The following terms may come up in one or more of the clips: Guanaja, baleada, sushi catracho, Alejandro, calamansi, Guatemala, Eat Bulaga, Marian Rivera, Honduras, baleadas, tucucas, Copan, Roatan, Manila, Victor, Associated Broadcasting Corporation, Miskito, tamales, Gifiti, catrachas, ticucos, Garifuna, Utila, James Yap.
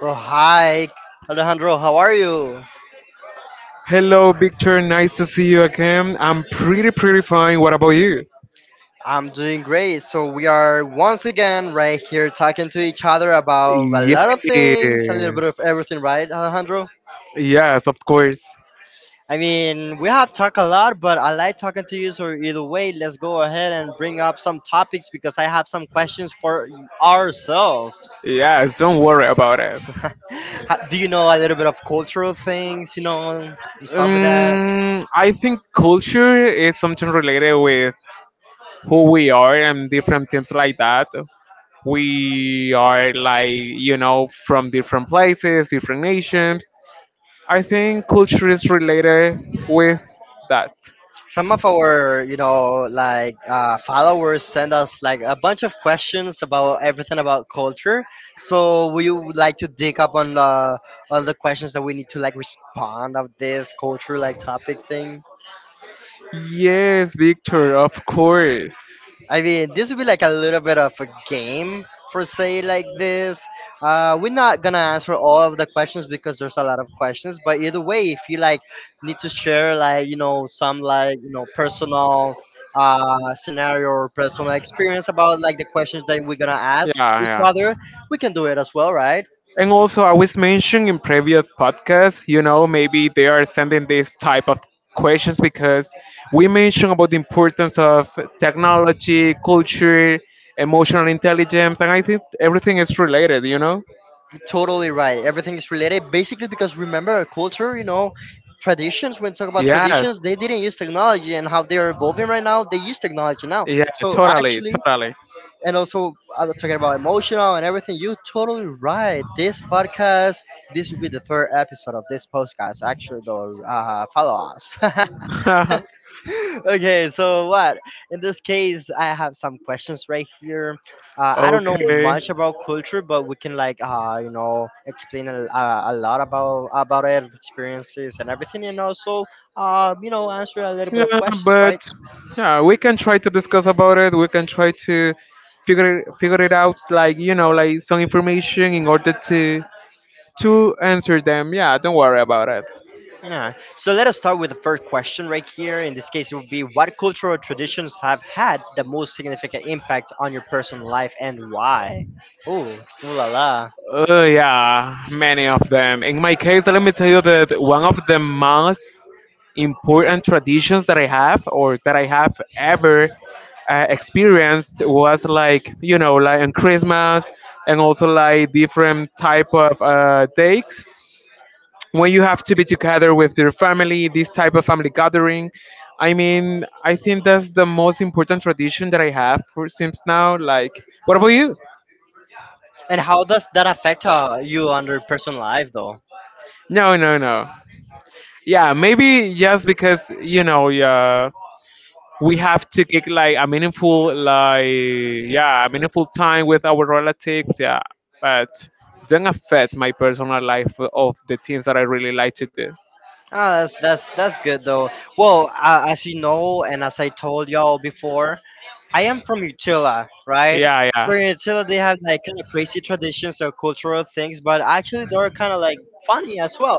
Oh hi, Alejandro. How are you? Hello, Victor. Nice to see you again. I'm pretty fine. What about you? I'm doing great. So we are once again right here talking to each other about a lot of Yes. things, a little bit of everything, right, Alejandro? Yes, of course. I mean, we have talked a lot, but I like talking to you. So either way, let's go ahead and bring up some topics because I have some questions for ourselves. Yes, don't worry about it. Do you know a little bit of cultural things? You know, and stuff like that. I think culture is something related with who we are and different things like that. We are like, from different places, different nations. I think culture is related with that. Some of our followers send us like a bunch of questions about everything about culture, so would you like to dig up on the questions that we need to like respond of this culture like topic thing? Yes, Victor, of course. I mean, this will be like a little bit of a game for say like this. We're not gonna answer all of the questions because there's a lot of questions. But either way, if you like need to share like some like personal scenario or personal experience about like the questions that we're gonna Yeah, ask each yeah. other, we can do it as well, right? And also, I was mentioning in previous podcasts, maybe they are sending this type of questions because we mentioned about the importance of technology, culture, emotional intelligence, and I think everything is related, you know? Totally right. Everything is related basically because remember our culture, you know, traditions, when talk about traditions, Yes. they didn't use technology and how they are evolving right now, they use technology now. Yeah, So totally, actually, totally. and also talking about emotional and everything, you totally right. This will be the third episode of this podcast. Actually, though, follow us. Okay, so what? In this case, I have some questions right here. I don't know Okay. much about culture, but we can like you know explain a lot about it, experiences and everything, and also you know answer a little bit of Yeah, questions, right? but yeah, we can try to discuss about it. We can try to figure it out, like like some information in order to answer them. Yeah, don't worry about it. Yeah. So let us start with the first question right here. In this case, it would be, what cultural traditions have had the most significant impact on your personal life and why? Ooh, ooh la la. Yeah, many of them. In my case, let me tell you that one of the most important traditions that I have or that I have ever experienced was like, like on Christmas and also like different type of dates when you have to be together with your family, this type of family gathering. I mean, I think that's the most important tradition that I have for since now. Like, what about you? And how does that affect you on your personal life, though? No, no, no. Yeah, maybe just because yeah, we have to take like a meaningful like yeah a meaningful time with our relatives. Yeah, but don't affect my personal life of the things that I really like to do. Ah, that's good though. Well, as you know, and as I told y'all before, I am from Utila, right? Yeah, yeah. So in Utila, they have like kind of crazy traditions or cultural things, but actually they're kind of like funny as well.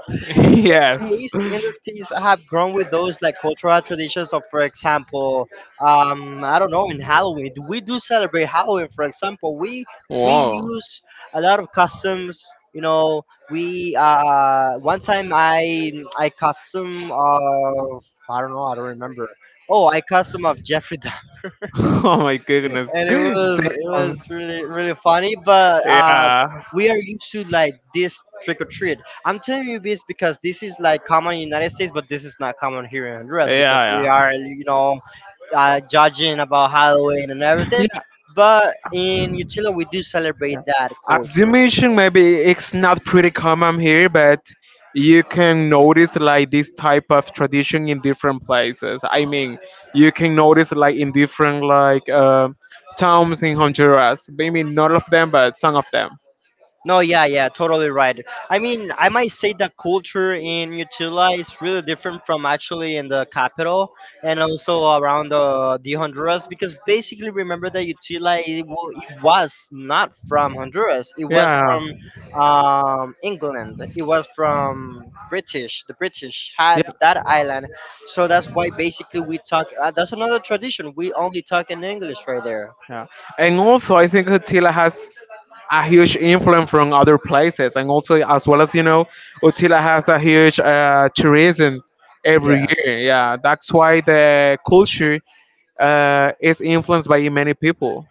In this Yes. case, in this case, I have grown with those like cultural traditions of, for example, I don't know, in Halloween, we do celebrate Halloween. For example, we Wow. use a lot of customs. You know, we one time I custom of I don't know, I don't remember. Oh, I custom of Jeffrey. Oh my goodness. And it Damn. was it was really really funny but Yeah. we are used to like this trick or treat. I'm telling you this because this is like common in United States, but this is not common here in Honduras because we Yeah, are you know judging about Halloween and everything, yeah. but in Utila we do celebrate that culture. Assumption maybe it's not pretty common here, but you can notice like this type of tradition in different places. I mean, you can notice like in different like towns in Honduras, maybe not all of them but some of them. No, yeah, yeah, totally right. I mean, I might say the culture in Utila is really different from actually in the capital and also around the Honduras because basically remember that Utila it was not from Honduras. It was Yeah, from England. It was from British. The British yeah. had that island, so that's why basically we talk. That's another tradition. We only talk in English right there. Yeah. And also, I think Utila has a huge influence from other places. And also, as well as you know, Utila has a huge tourism every Yeah. year. Yeah, that's why the culture is influenced by many people.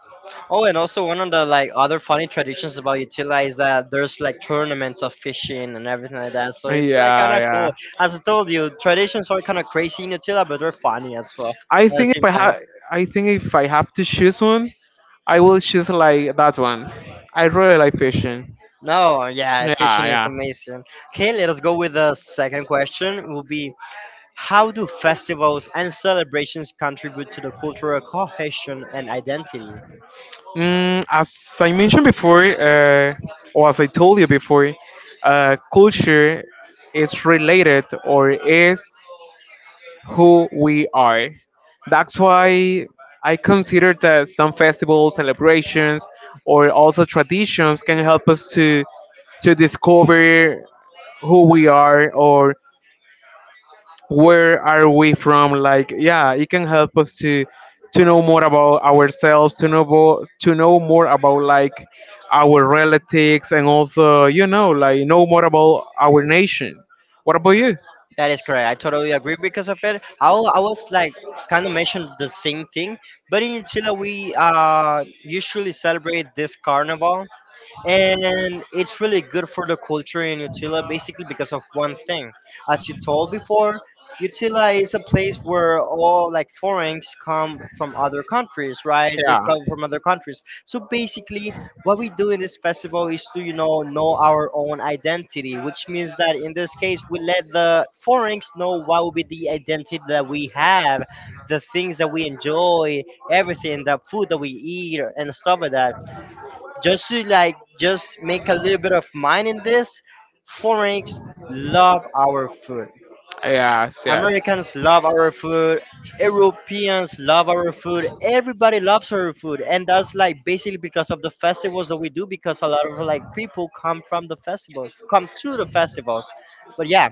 Oh, and also one of the like other funny traditions about Utila is that there's like tournaments of fishing and everything like that. So Yeah, it's like kind of cool. yeah. As I told you, traditions are kind of crazy in Utila, but they're funny as well I at the think same if I time. have, I think if I have to choose one, I will choose like that one. I really like fishing. No, yeah, Yeah, fishing is yeah. amazing. Okay, let us go with the second question. Will be, how do festivals and celebrations contribute to the cultural cohesion and identity? As I mentioned before, or as I told you before, culture is related or is who we are. That's why I consider that some festivals, celebrations, or also traditions can help us to discover who we are or where are we from. Like yeah, it can help us to know more about ourselves, to know to know more about like our relatives, and also like know more about our nation. What about you? That is correct. I totally agree because of it. I was like kind of mentioned the same thing, but in Chile we usually celebrate this carnival and it's really good for the culture in Utila basically because of one thing. As you told before, Utila is a place where all like foreigners come from other countries, right? They travel from other countries. So basically, what we do in this festival is to you know our own identity, which means that in this case, we let the foreigners know what will be the identity that Yeah. we have, the things that we enjoy, everything, the food that we eat, and stuff like that, just to like just make a little bit of mind in this. Foreigners love our food, Yes. Americans love our food, Europeans love our food, everybody loves our food, and that's like basically because of the festivals that we do, because a lot of like people come from the festivals come to the festivals. But yeah,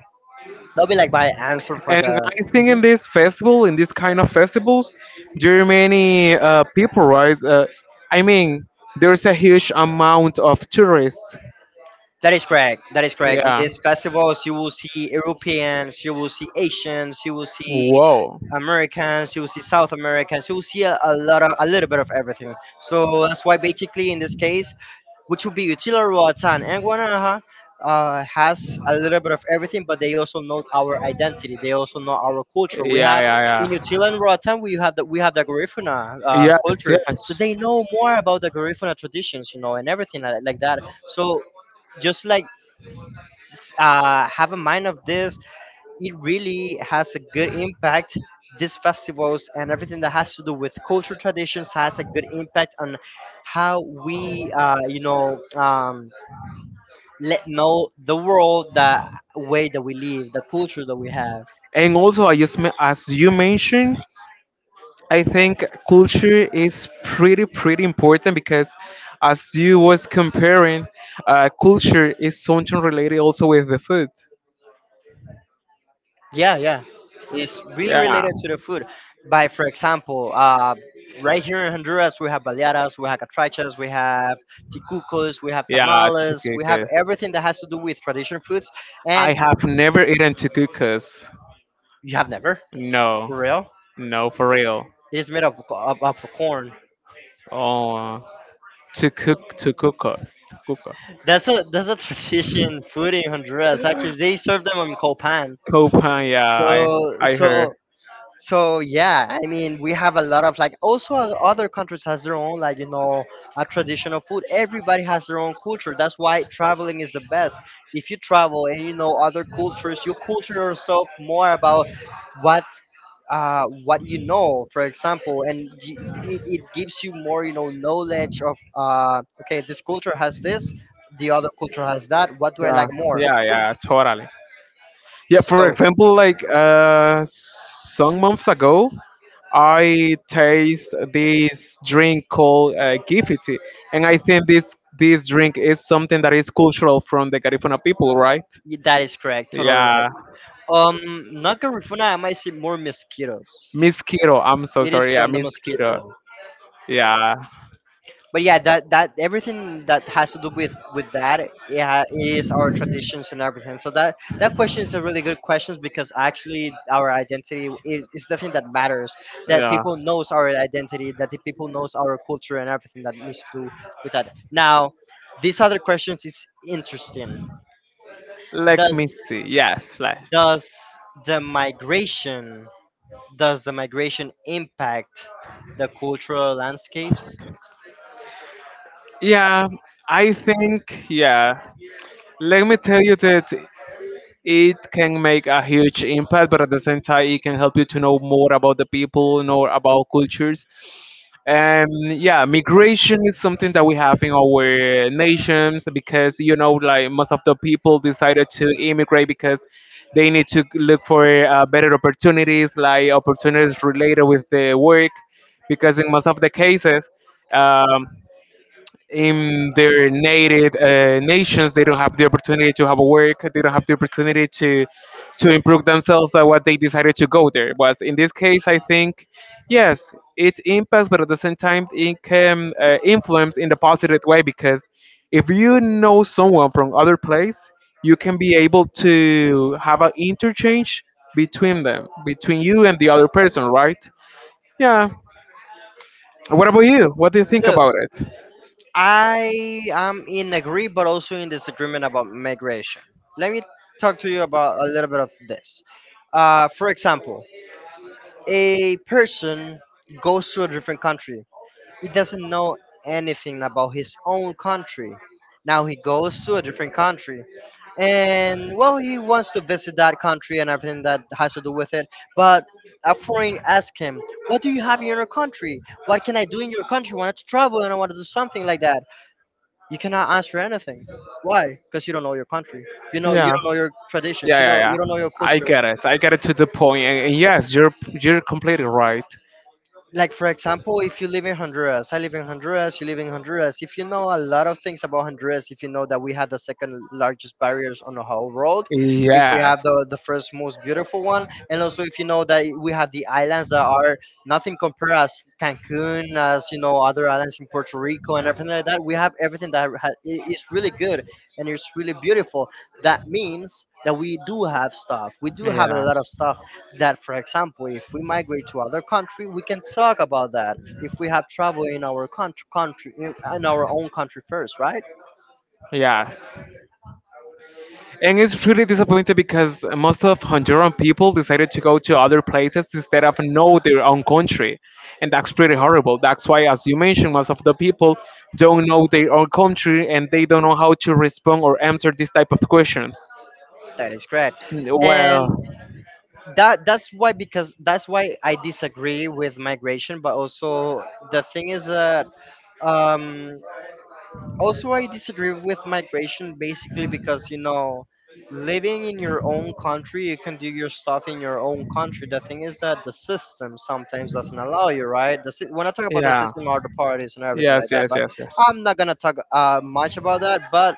that'll be like my answer for the. And I think Mhm. in this festival, in this kind of festivals, there are many people, right? I mean, there's a huge amount of tourists. That is correct. That is correct. In Yeah. these festivals, you will see Europeans, you will see Asians, you will see Whoa. Americans, you will see South Americans, you will see a lot of a little bit of everything. So that's why basically in this case, which would be Utilaruatan and Guanaja, has a little bit of everything, but they also know our identity. They also know our culture. We Yeah, have in Utila and yeah, Roatan, we have the Garifuna yeah. culture, so Yes, they know more about the Garifuna traditions, you know, and everything like that. So yes. just like have a mind of this, it really has a good impact. These festivals and everything that has to do with cultural traditions has a good impact on how we, you know, let know the world, the way that we live, the culture that we have. And also, as you mentioned, I think culture is pretty pretty important because, as you was comparing, culture is something related also with the food. Yeah, yeah. It's really Yeah, related to the food. By, for example, right here in Honduras, we have baleadas, we have catrachas, we have ticucos, we have yeah, tamales, we have tucucas. everything that has to do with traditional foods. I And have never eaten tucucas. you have never, No, for real? no, for real. It is made of corn. Oh, tucucas, That's a tradition food in Honduras. Actually, they serve them on copan. Copan, yeah, So I heard. so So yeah, I mean we have a lot of like also other countries has their own like you know a traditional food. Everybody has their own culture. That's why traveling is the best. If you travel and you know other cultures, you culture yourself more about what what you know, for example, and y it, it gives you more, you know, knowledge of, okay, this culture has this, the other culture has that. What do I Yeah, like more? yeah, Boom. yeah, totally. Yeah, for So example, like some months ago, I taste this drink called Gifiti, and I think this this drink is something that is cultural from the Garifuna people, right? That is correct. Totally right. Yeah, Not Garifuna. I might see more mosquitoes. Miss Kiro, I'm so It is sorry. Yeah, from the Miss mosquito. Kiro. Yeah. Yeah, But yeah, that that everything that has to do with that, yeah, it is our traditions and everything. So that that question is a really good question because actually our identity is the thing that matters. That yeah. people knows our identity, that the people knows our culture and everything that needs to do with that. Now, these other questions is interesting. Let Does me see. Yes, last. does the migration. Does the migration impact the cultural landscapes? Yeah, I think, yeah. Let me tell you that it can make a huge impact, but at the same time, it can help you to know more about the people, know about cultures. And yeah, migration is something that we have in our nations because, like most of the people decided to immigrate because they need to look for better opportunities, like opportunities related with their work, because in most of the cases, um, in their native nations they don't have the opportunity to have a work. They don't have the opportunity to improve themselves. That what they decided to go there. But in this case I think, yes, it impacts, but at the same time it can influence in the positive way because if you know someone from other place you can be able to have an interchange between them, between you and the other person, right? Yeah. What about you? What do you think Look, about it? I am in agree but also in disagreement about migration. Let me talk to you about a little bit of this. For example, a person goes to a different country. He doesn't know anything about his own country. Now he goes to a different country, and well, he wants to visit that country and everything that has to do with it. But a foreign asked him, "What do you have in your country? What can I do in your country? I want to travel and I want to do something like that." You cannot answer anything. Why? Because you don't know your country. You know you Yeah. don't know your traditions. Yeah, You yeah, know yeah. you don't know your I culture. get it. I get it to the point. And yes, you're completely right. Like for example, if you live in Honduras, I live in Honduras, you live in Honduras. If you know a lot of things about Honduras, if you know that we have the second largest barriers on the whole world, if we have Yes. the first most beautiful one, and also if you know that we have the islands that are nothing compared as Cancun, as you know other islands in Puerto Rico and everything like that, we have everything that is really good and it's really beautiful. That means that we do have stuff. We do have a Yeah. lot of stuff that, for example, if we migrate to other country, we can talk about that. If we have travel in our country, in our own country first, right? Yes. And it's really disappointing because most of Honduran people decided to go to other places instead of know their own country. And that's pretty horrible. That's why, as you mentioned, most of the people don't know their own country and they don't know how to respond or answer these type of questions. That is correct. And that's why, because that's why I disagree with migration, but also the thing is that um also, I disagree with migration basically Well, because, you know, living in your own country, you can do your stuff in your own country. The thing is that the system sometimes doesn't allow you, right? When I talk about the yeah. system or the parties and everything Yes. like that, Yes. but Yes. Yes. I'm not going to talk much about that. But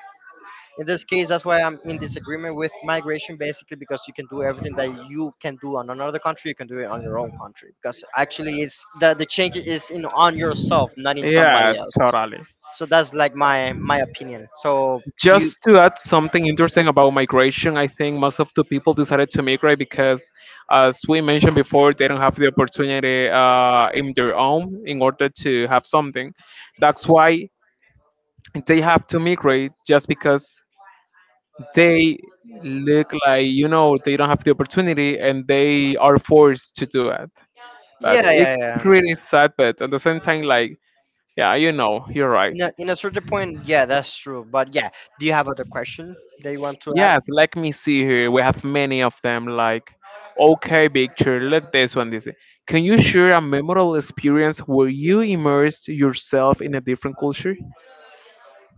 in this case, that's why I'm in disagreement with migration, basically because you can do everything that you can do on another country, you can do it on your own country, because actually it's the change is in on yourself, not in somebody Yes. else. Totally. So that's like my opinion. So do you, Just to add something interesting about migration, I think most of the people decided to migrate because, as we mentioned before, they don't have the opportunity in their own in order to have something. That's why they have to migrate just because they look like they don't have the opportunity and they are forced to do it. But yeah, yeah, it's yeah, yeah, pretty sad, but at the same time, like yeah, you know, you're right. In a certain point, yeah, that's true, but yeah, do you have other question that you want to add? Yes, let me see here. We have many of them. Like, okay, picture. Let this one. This. Can you share a memorable experience where you immersed yourself in a different culture?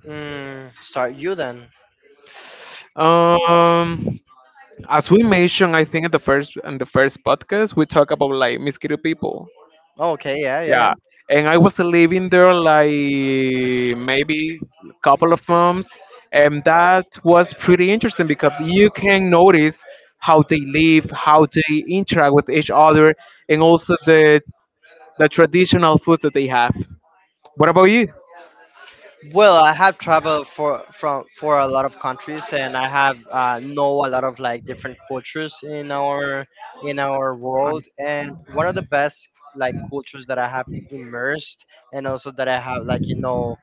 Mm, start you then. Um, as we mentioned, I think in the first podcast, we talk about like Miskito people. Okay, yeah, yeah, yeah. Yeah, and I was living there like maybe a couple of months, and that was pretty interesting because you can notice how they live, how they interact with each other, and also the traditional food that they have. What about you? Well, I have traveled for a lot of countries, and I have know a lot of like different cultures in our world. And one of the best like cultures that I have immersed, and also that I have, like, you know,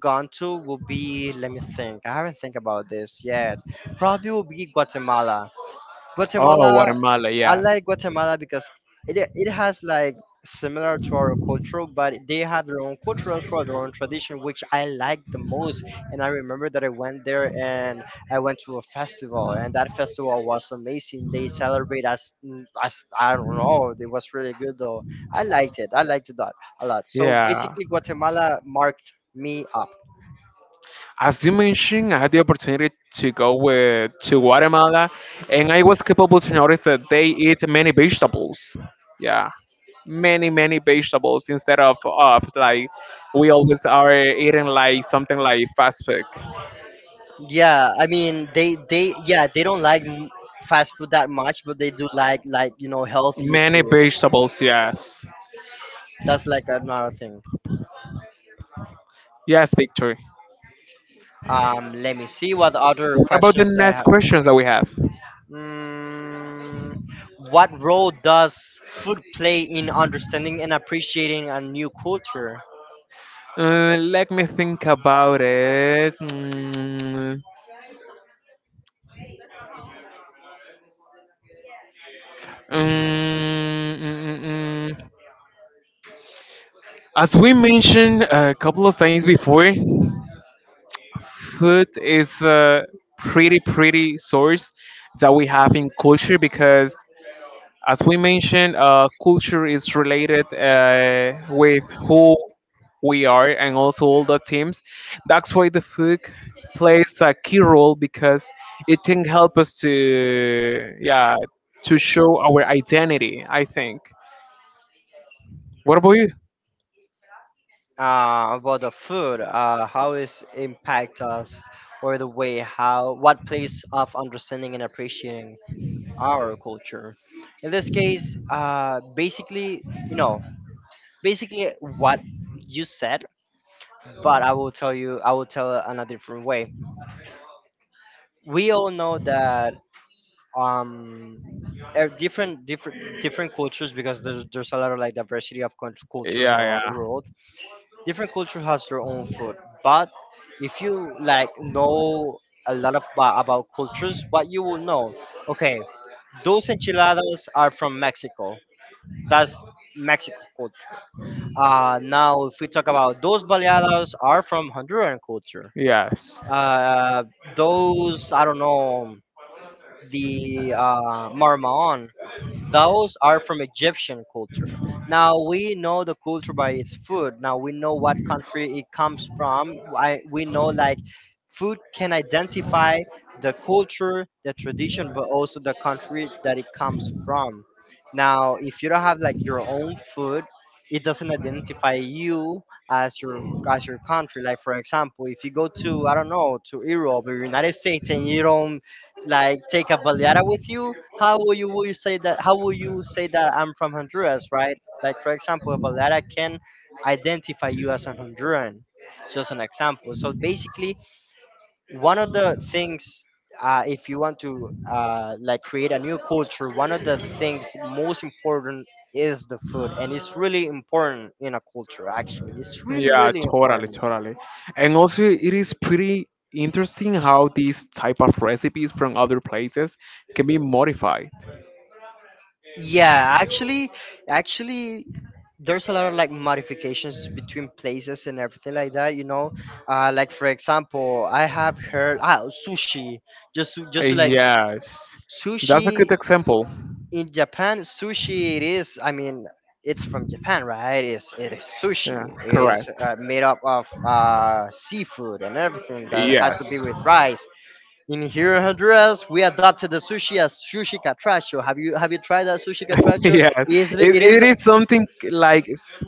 gone to will be. Let me think. I I- haven't think about this yet. Probably will be Guatemala. Oh, Guatemala, Guatemala, I yeah. like Guatemala because it has like similar to our culture, but they have their own culture as well, their own tradition, which I like the most. And I remember that I went there and I went to a festival, and that festival was amazing. They celebrate as as I don't know, it That's was pretty really good though. I liked it. cool. I liked it a lot. A lot. So Yeah. basically, Guatemala marked me up. As you mentioned, I had the opportunity to go with to Guatemala, and I was capable to notice that they eat many vegetables. Yeah, many many vegetables instead of like we always are eating like something like fast food. Yeah, I mean they yeah they don't like fast food that much, but they do like, you know, healthy Many food. vegetables, yes, That's like another thing. yes, Victor. Let me see what other What about the questions I next have. questions that we have? Mm, what role does food play in understanding and appreciating a new culture? Let me think about it. Mm, mm, mm, mm. mm. As we mentioned a couple of times before, food is a pretty, pretty source that we have in culture because as we mentioned, culture is related with who we are and also all the teams. That's why the food plays a key role because it can help us to yeah to show our identity. I think. What about you? About the food, how is impact us or the way how what place of understanding and appreciating our culture. In this case, basically, you know, basically what you said, but I will tell you, I will tell it in a different way. We all know that um, different cultures because there's a lot of like diversity of cultures Yeah, around the world. Different culture has their own food, but if you like know a lot of about cultures, what you will know, okay, those enchiladas are from Mexico. That's Mexico culture. Now, if we talk about those baleadas, are from Honduran culture. yeah, Uh, those I don't know, the marmon, those are from Egyptian culture. Now yes. we know the culture by its food. Now we know what country it comes from. I, we know, like, food can identify the culture, the tradition, but also the country that it comes from. Now, if you don't have like your own food, it doesn't identify you as your country. Like for example, if you go to, I don't know, to Europe or United States, and you don't like take a baleada with you, how will you, will you say that how will you say that I'm from Honduras, right? Like for example, but that I can identify you as an Honduran. Just an example. So basically, one of the things, if you want to like create a new culture, one of the things most important is the food, and it's really important in a culture. Actually, it's really Yeah, really totally, important. totally. And also, it is pretty interesting how these type of recipes from other places can be modified. Yeah, actually, actually, there's a lot of like modifications between places and everything like that. You know, like for example, I have heard ah sushi. Like, Yes, that's a good sushi example. in Japan, sushi it is. I mean, it's from Japan, right? It is Yeah, sushi. It is correct. Made up of seafood and everything that has Yes. to be with rice. In here in Honduras, we adopted the sushi as sushi catracho. Have you tried that sushi catracho? Yeah, Is it it, it is it like is something like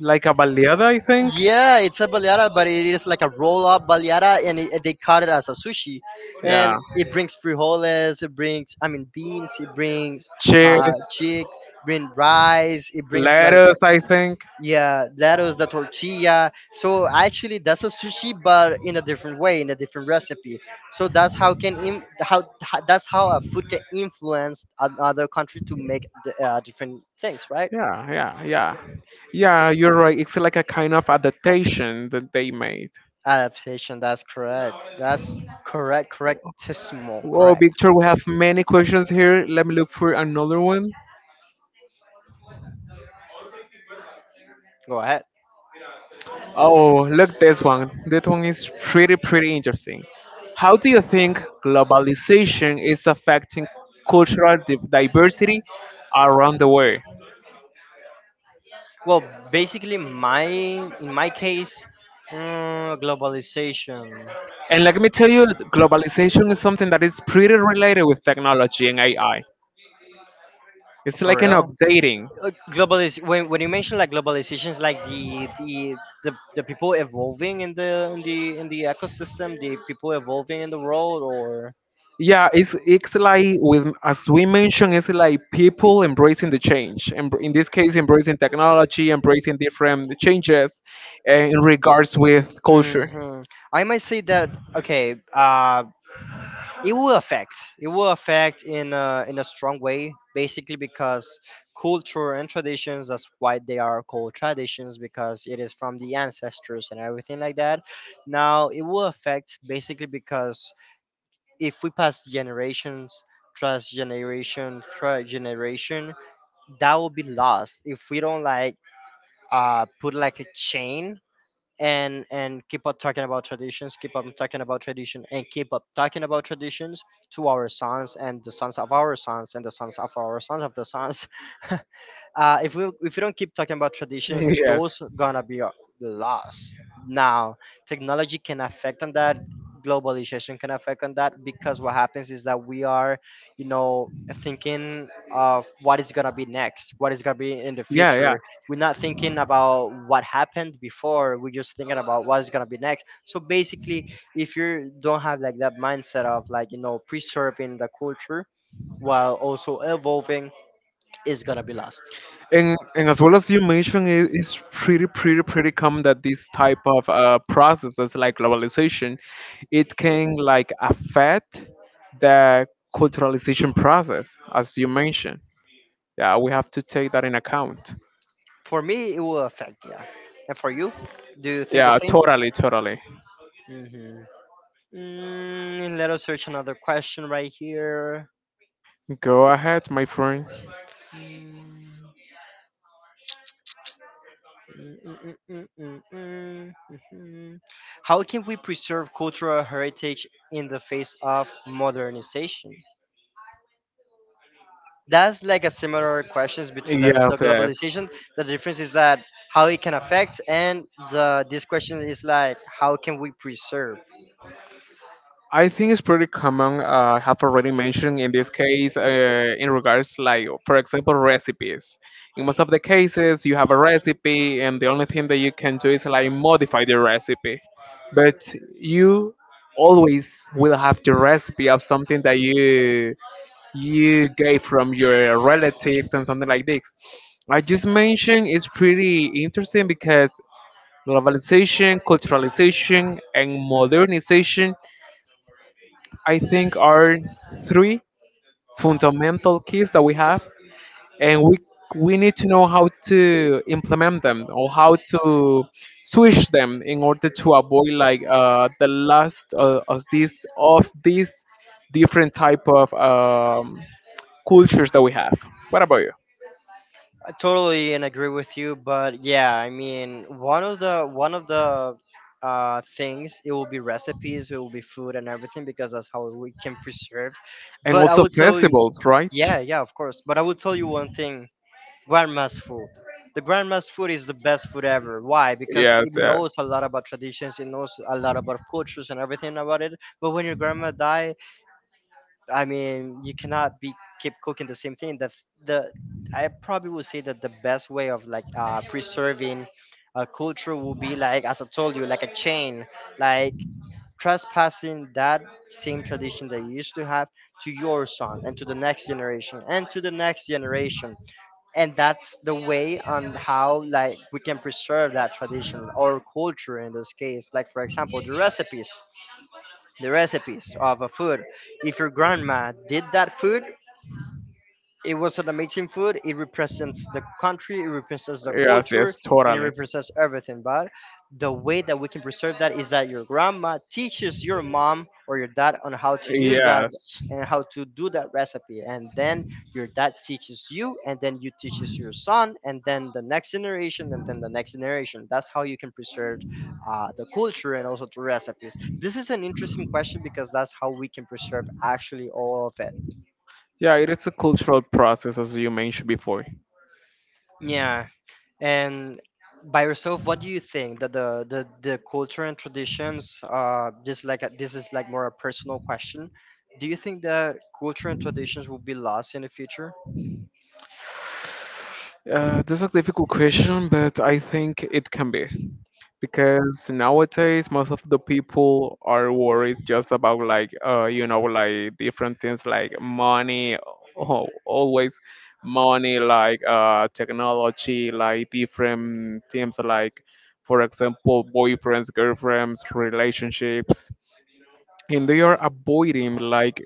like a baleada, I think. yeah, it's a baleada, but it is like a roll up baleada, and they cut it as a sushi, Yeah. and it brings frijoles, it brings, I mean, beans, it brings Cheers. chicks, bring rice, it brings like Letters, that. I think. Yeah, that was the tortilla. So actually, that's a sushi, but in a different way, in a different recipe. So that's how can im- how ho- that's how a food can influence another country to make the, different things, right? Yeah, yeah, yeah. Yeah, you're right. It's like a kind of adaptation that they made. Adaptation. That's correct. That's correct. Correctissimo. Well, Correct. Victor, we have many questions here. Let me look for another one. Go ahead. Oh, look this one. This one is pretty, pretty interesting. How do you think globalization is affecting cultural diversity around the world? Well, basically, my in my case, mm, globalization. And let me tell you, globalization is something that is pretty related with technology and AI. It's For like an real, updating. Globalis when you mention like globalization is like the people evolving in the ecosystem, the people evolving in the world, or Yeah, it's like with as we mentioned, it's like people embracing the change. And in this case, embracing technology, embracing different changes in regards with culture. hmm, I might say that, okay. It will affect, it will affect in a strong way, basically because culture and traditions, that's why they are called traditions, because it is from the ancestors and everything like that. Now it will affect basically because if we pass generations, generation, that will be lost if we don't like put like a chain and keep up talking about traditions, keep up talking about tradition, and keep up talking about traditions to our sons and the sons of our sons and the sons of our sons of the sons. If we, if we don't keep talking about traditions, those Yes. gonna be lost. Now, technology can affect on that. Globalization can affect on that because what happens is that we are, you know, thinking of what is gonna be next, what is gonna be in the Yeah, yeah. future. We're not thinking about what happened before. We're just thinking about what is gonna be next. So basically, if you don't have like that mindset of like, you know, preserving the culture while also evolving, it's gonna be lost. And as well as you mentioned it, it's pretty pretty pretty common that this type of processes like globalization, it can like affect the culturalization process as you mentioned. Yeah, we have to take that in account. For me, it will affect, yeah. And for you, do you think the Yeah, same? totally, totally. Mm-hmm. Mm, let us search another question right here. Go ahead, my friend. Mm, mm, mm, mm, mm, mm, mhm. How can we preserve cultural heritage in the face of modernization? That's like a similar questions between the Yes, yes. globalization. The difference is that how it can affect, and the this question is like how can we preserve? I think it's pretty common. I have already mentioned in this case, in regards like, for example, recipes. In most of the cases, you have a recipe, and the only thing that you can do is like modify the recipe. But you always will have the recipe of something that you get from your relatives and something like this. I just mentioned it's pretty interesting because globalization, culturalization, and modernization, I think are three fundamental keys that we have, and we need to know how to implement them or how to switch them in order to avoid like the last of these different type of cultures that we have. What about you? I totally and agree with you, but yeah, I mean, one of the things, it will be recipes, it will be food and everything because that's how we can preserve. And But I also will tell you, festivals, right? yeah, yeah, of course. But I will tell you one thing: grandma's food. The grandma's food is the best food ever. Why? Because it Yes, knows yes. a lot about traditions, it knows a lot about cultures and everything about it. But when your grandma die. I mean, you cannot be keep cooking the same thing. The I probably would say that the best way of like preserving a culture will be like, as I told you, like a chain, like trespassing that same tradition that you used to have to your son and to the next generation and to the next generation. And that's the way on how like we can preserve that tradition or culture in this case. Like for example, the recipes of a food. If your grandma did that food, it was an amazing food. It represents the country, it represents the Yes, culture, yes, and it totally. represents everything. But the way that we can preserve that is that your grandma teaches your mom or your dad on how to use that Yes. and how to do that recipe. And then your dad teaches you, and then you teaches your son, and then the next generation, and then the next generation. That's how you can preserve the culture and also the recipes. This is an interesting question because that's how we can preserve actually all of it. Yeah, it is a cultural process as you mentioned before. Yeah. And by yourself, what do you think that the the culture and traditions? Just like a, this is like more a personal question. Do you think that culture and traditions will be lost in the future? This is a difficult question, but I think it can be because nowadays most of the people are worried just about like like different things like money, oh, always money, like technology, like different things like for example boyfriends, girlfriends, relationships, and they are avoiding like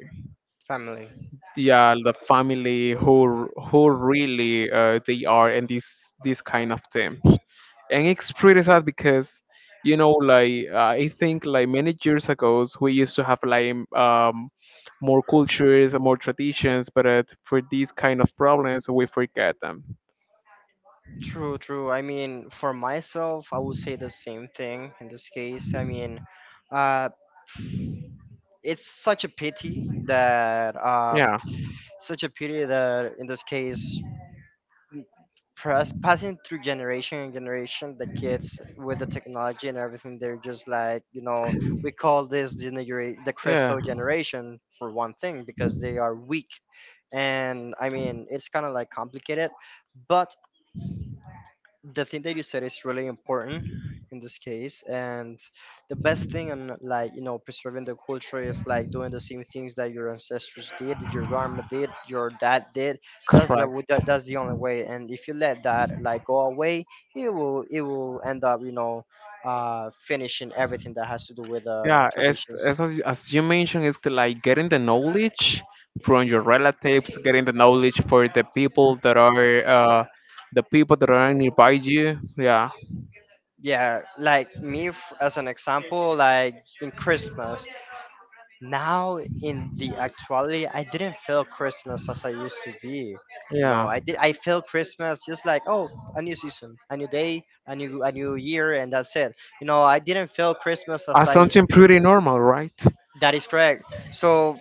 Family. yeah the family, who really they are in this this kind of thing. And it's pretty sad because like I think like many years ago we used to have like more cultures and more traditions, but for these kind of problems we forget them. True, true. I mean, for myself, I would say the same thing in this case. I mean, uh, it's such a pity that Yeah. such a pity that in this case press passing through generation and generation, the kids with the technology and everything, they're just like, you know, we call this the Yeah. crystal generation for one thing because they are weak, and I mean it's kind of like complicated, but the thing that you said is really important in this case. And the best thing and like, you know, preserving the culture is like doing the same things that your ancestors did, your grandma did, your dad did. That's Correct. That's the only way. And if you let that like go away, it will end up, you know, finishing everything that has to do with Yeah, as, traditions. As you mentioned, it's the, like getting the knowledge from your relatives, getting the knowledge for the people that are the people that are nearby you. Yeah. Yeah, like me, as an example, like, in Christmas, now in the actuality, I didn't feel Christmas as I used to be. You know, Yeah. I feel Christmas just like, oh, a new season, a new day, a new year, and that's it. You know, I didn't feel Christmas as As I, something pretty normal, right? that is correct. So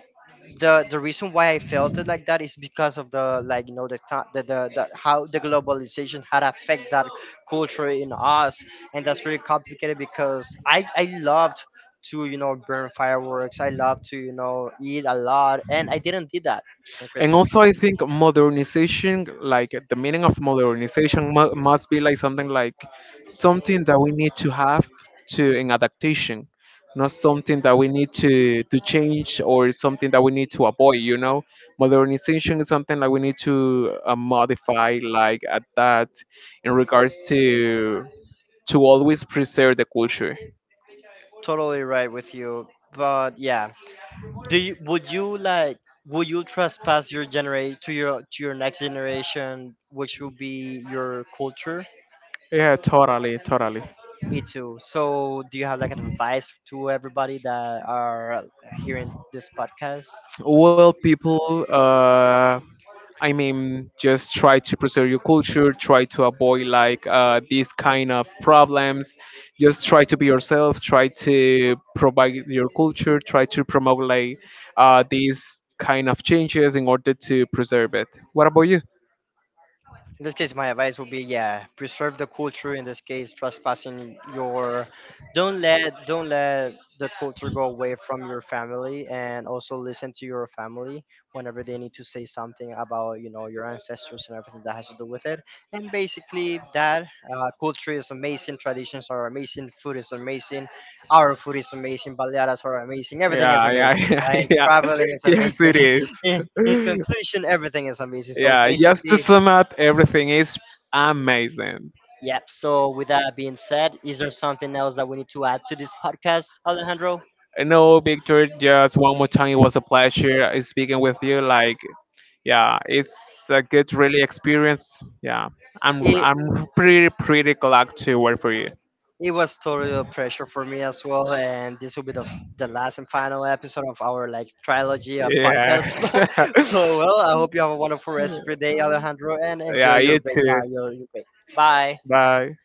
the reason why I felt it like that is because of the like, you know, the how the globalization had affect that culture in us. And that's really complicated because I loved to, you know, burn fireworks. I love to, you know, eat a lot, and I didn't did that on And Christmas. also I think modernization, like the meaning of modernization must be like something that we need to have to an adaptation, not something that we need to change or something that we need to avoid, you know. Modernization is something that we need to modify like at that in regards to always preserve the culture. Totally right with you. But yeah, do you would you like would you trespass your generate to your next generation which will be your culture? Yeah, totally, totally. Me too. So, do you have like an advice to everybody that are hearing this podcast? Well, people, I mean, just try to preserve your culture, try to avoid like these kind of problems. Just try to be yourself, try to provide your culture, try to promote like these kind of changes in order to preserve it. What about you? In this case, my advice would be yeah, preserve the culture. In this case, trespassing your, don't let don't let the culture go away from your family, and also listen to your family whenever they need to say something about, you know, your ancestors and everything that has to do with it. And basically, that culture is amazing, traditions are amazing, food is amazing, our food is amazing, baleadas are amazing, everything is Yeah, yeah, amazing, right? yeah, yeah. Traveling is Yes, amazing. it In is. conclusion, everything is amazing. So Yeah, just to basically, sum up, everything is amazing. yep. So with that being said, is there something else that we need to add to this podcast, Alejandro? No, Victor, just one more time, it was a pleasure speaking with you. Like, yeah, it's a good, really experience. Yeah, It I'm pretty, pretty glad to work for you. it was totally a pressure for me as well, and this will be the last and final episode of our like trilogy of podcasts. Yes. So well, I hope you have a wonderful rest of your day, Alejandro, and enjoy Yeah, your you break. too. Your break. Bye. Bye.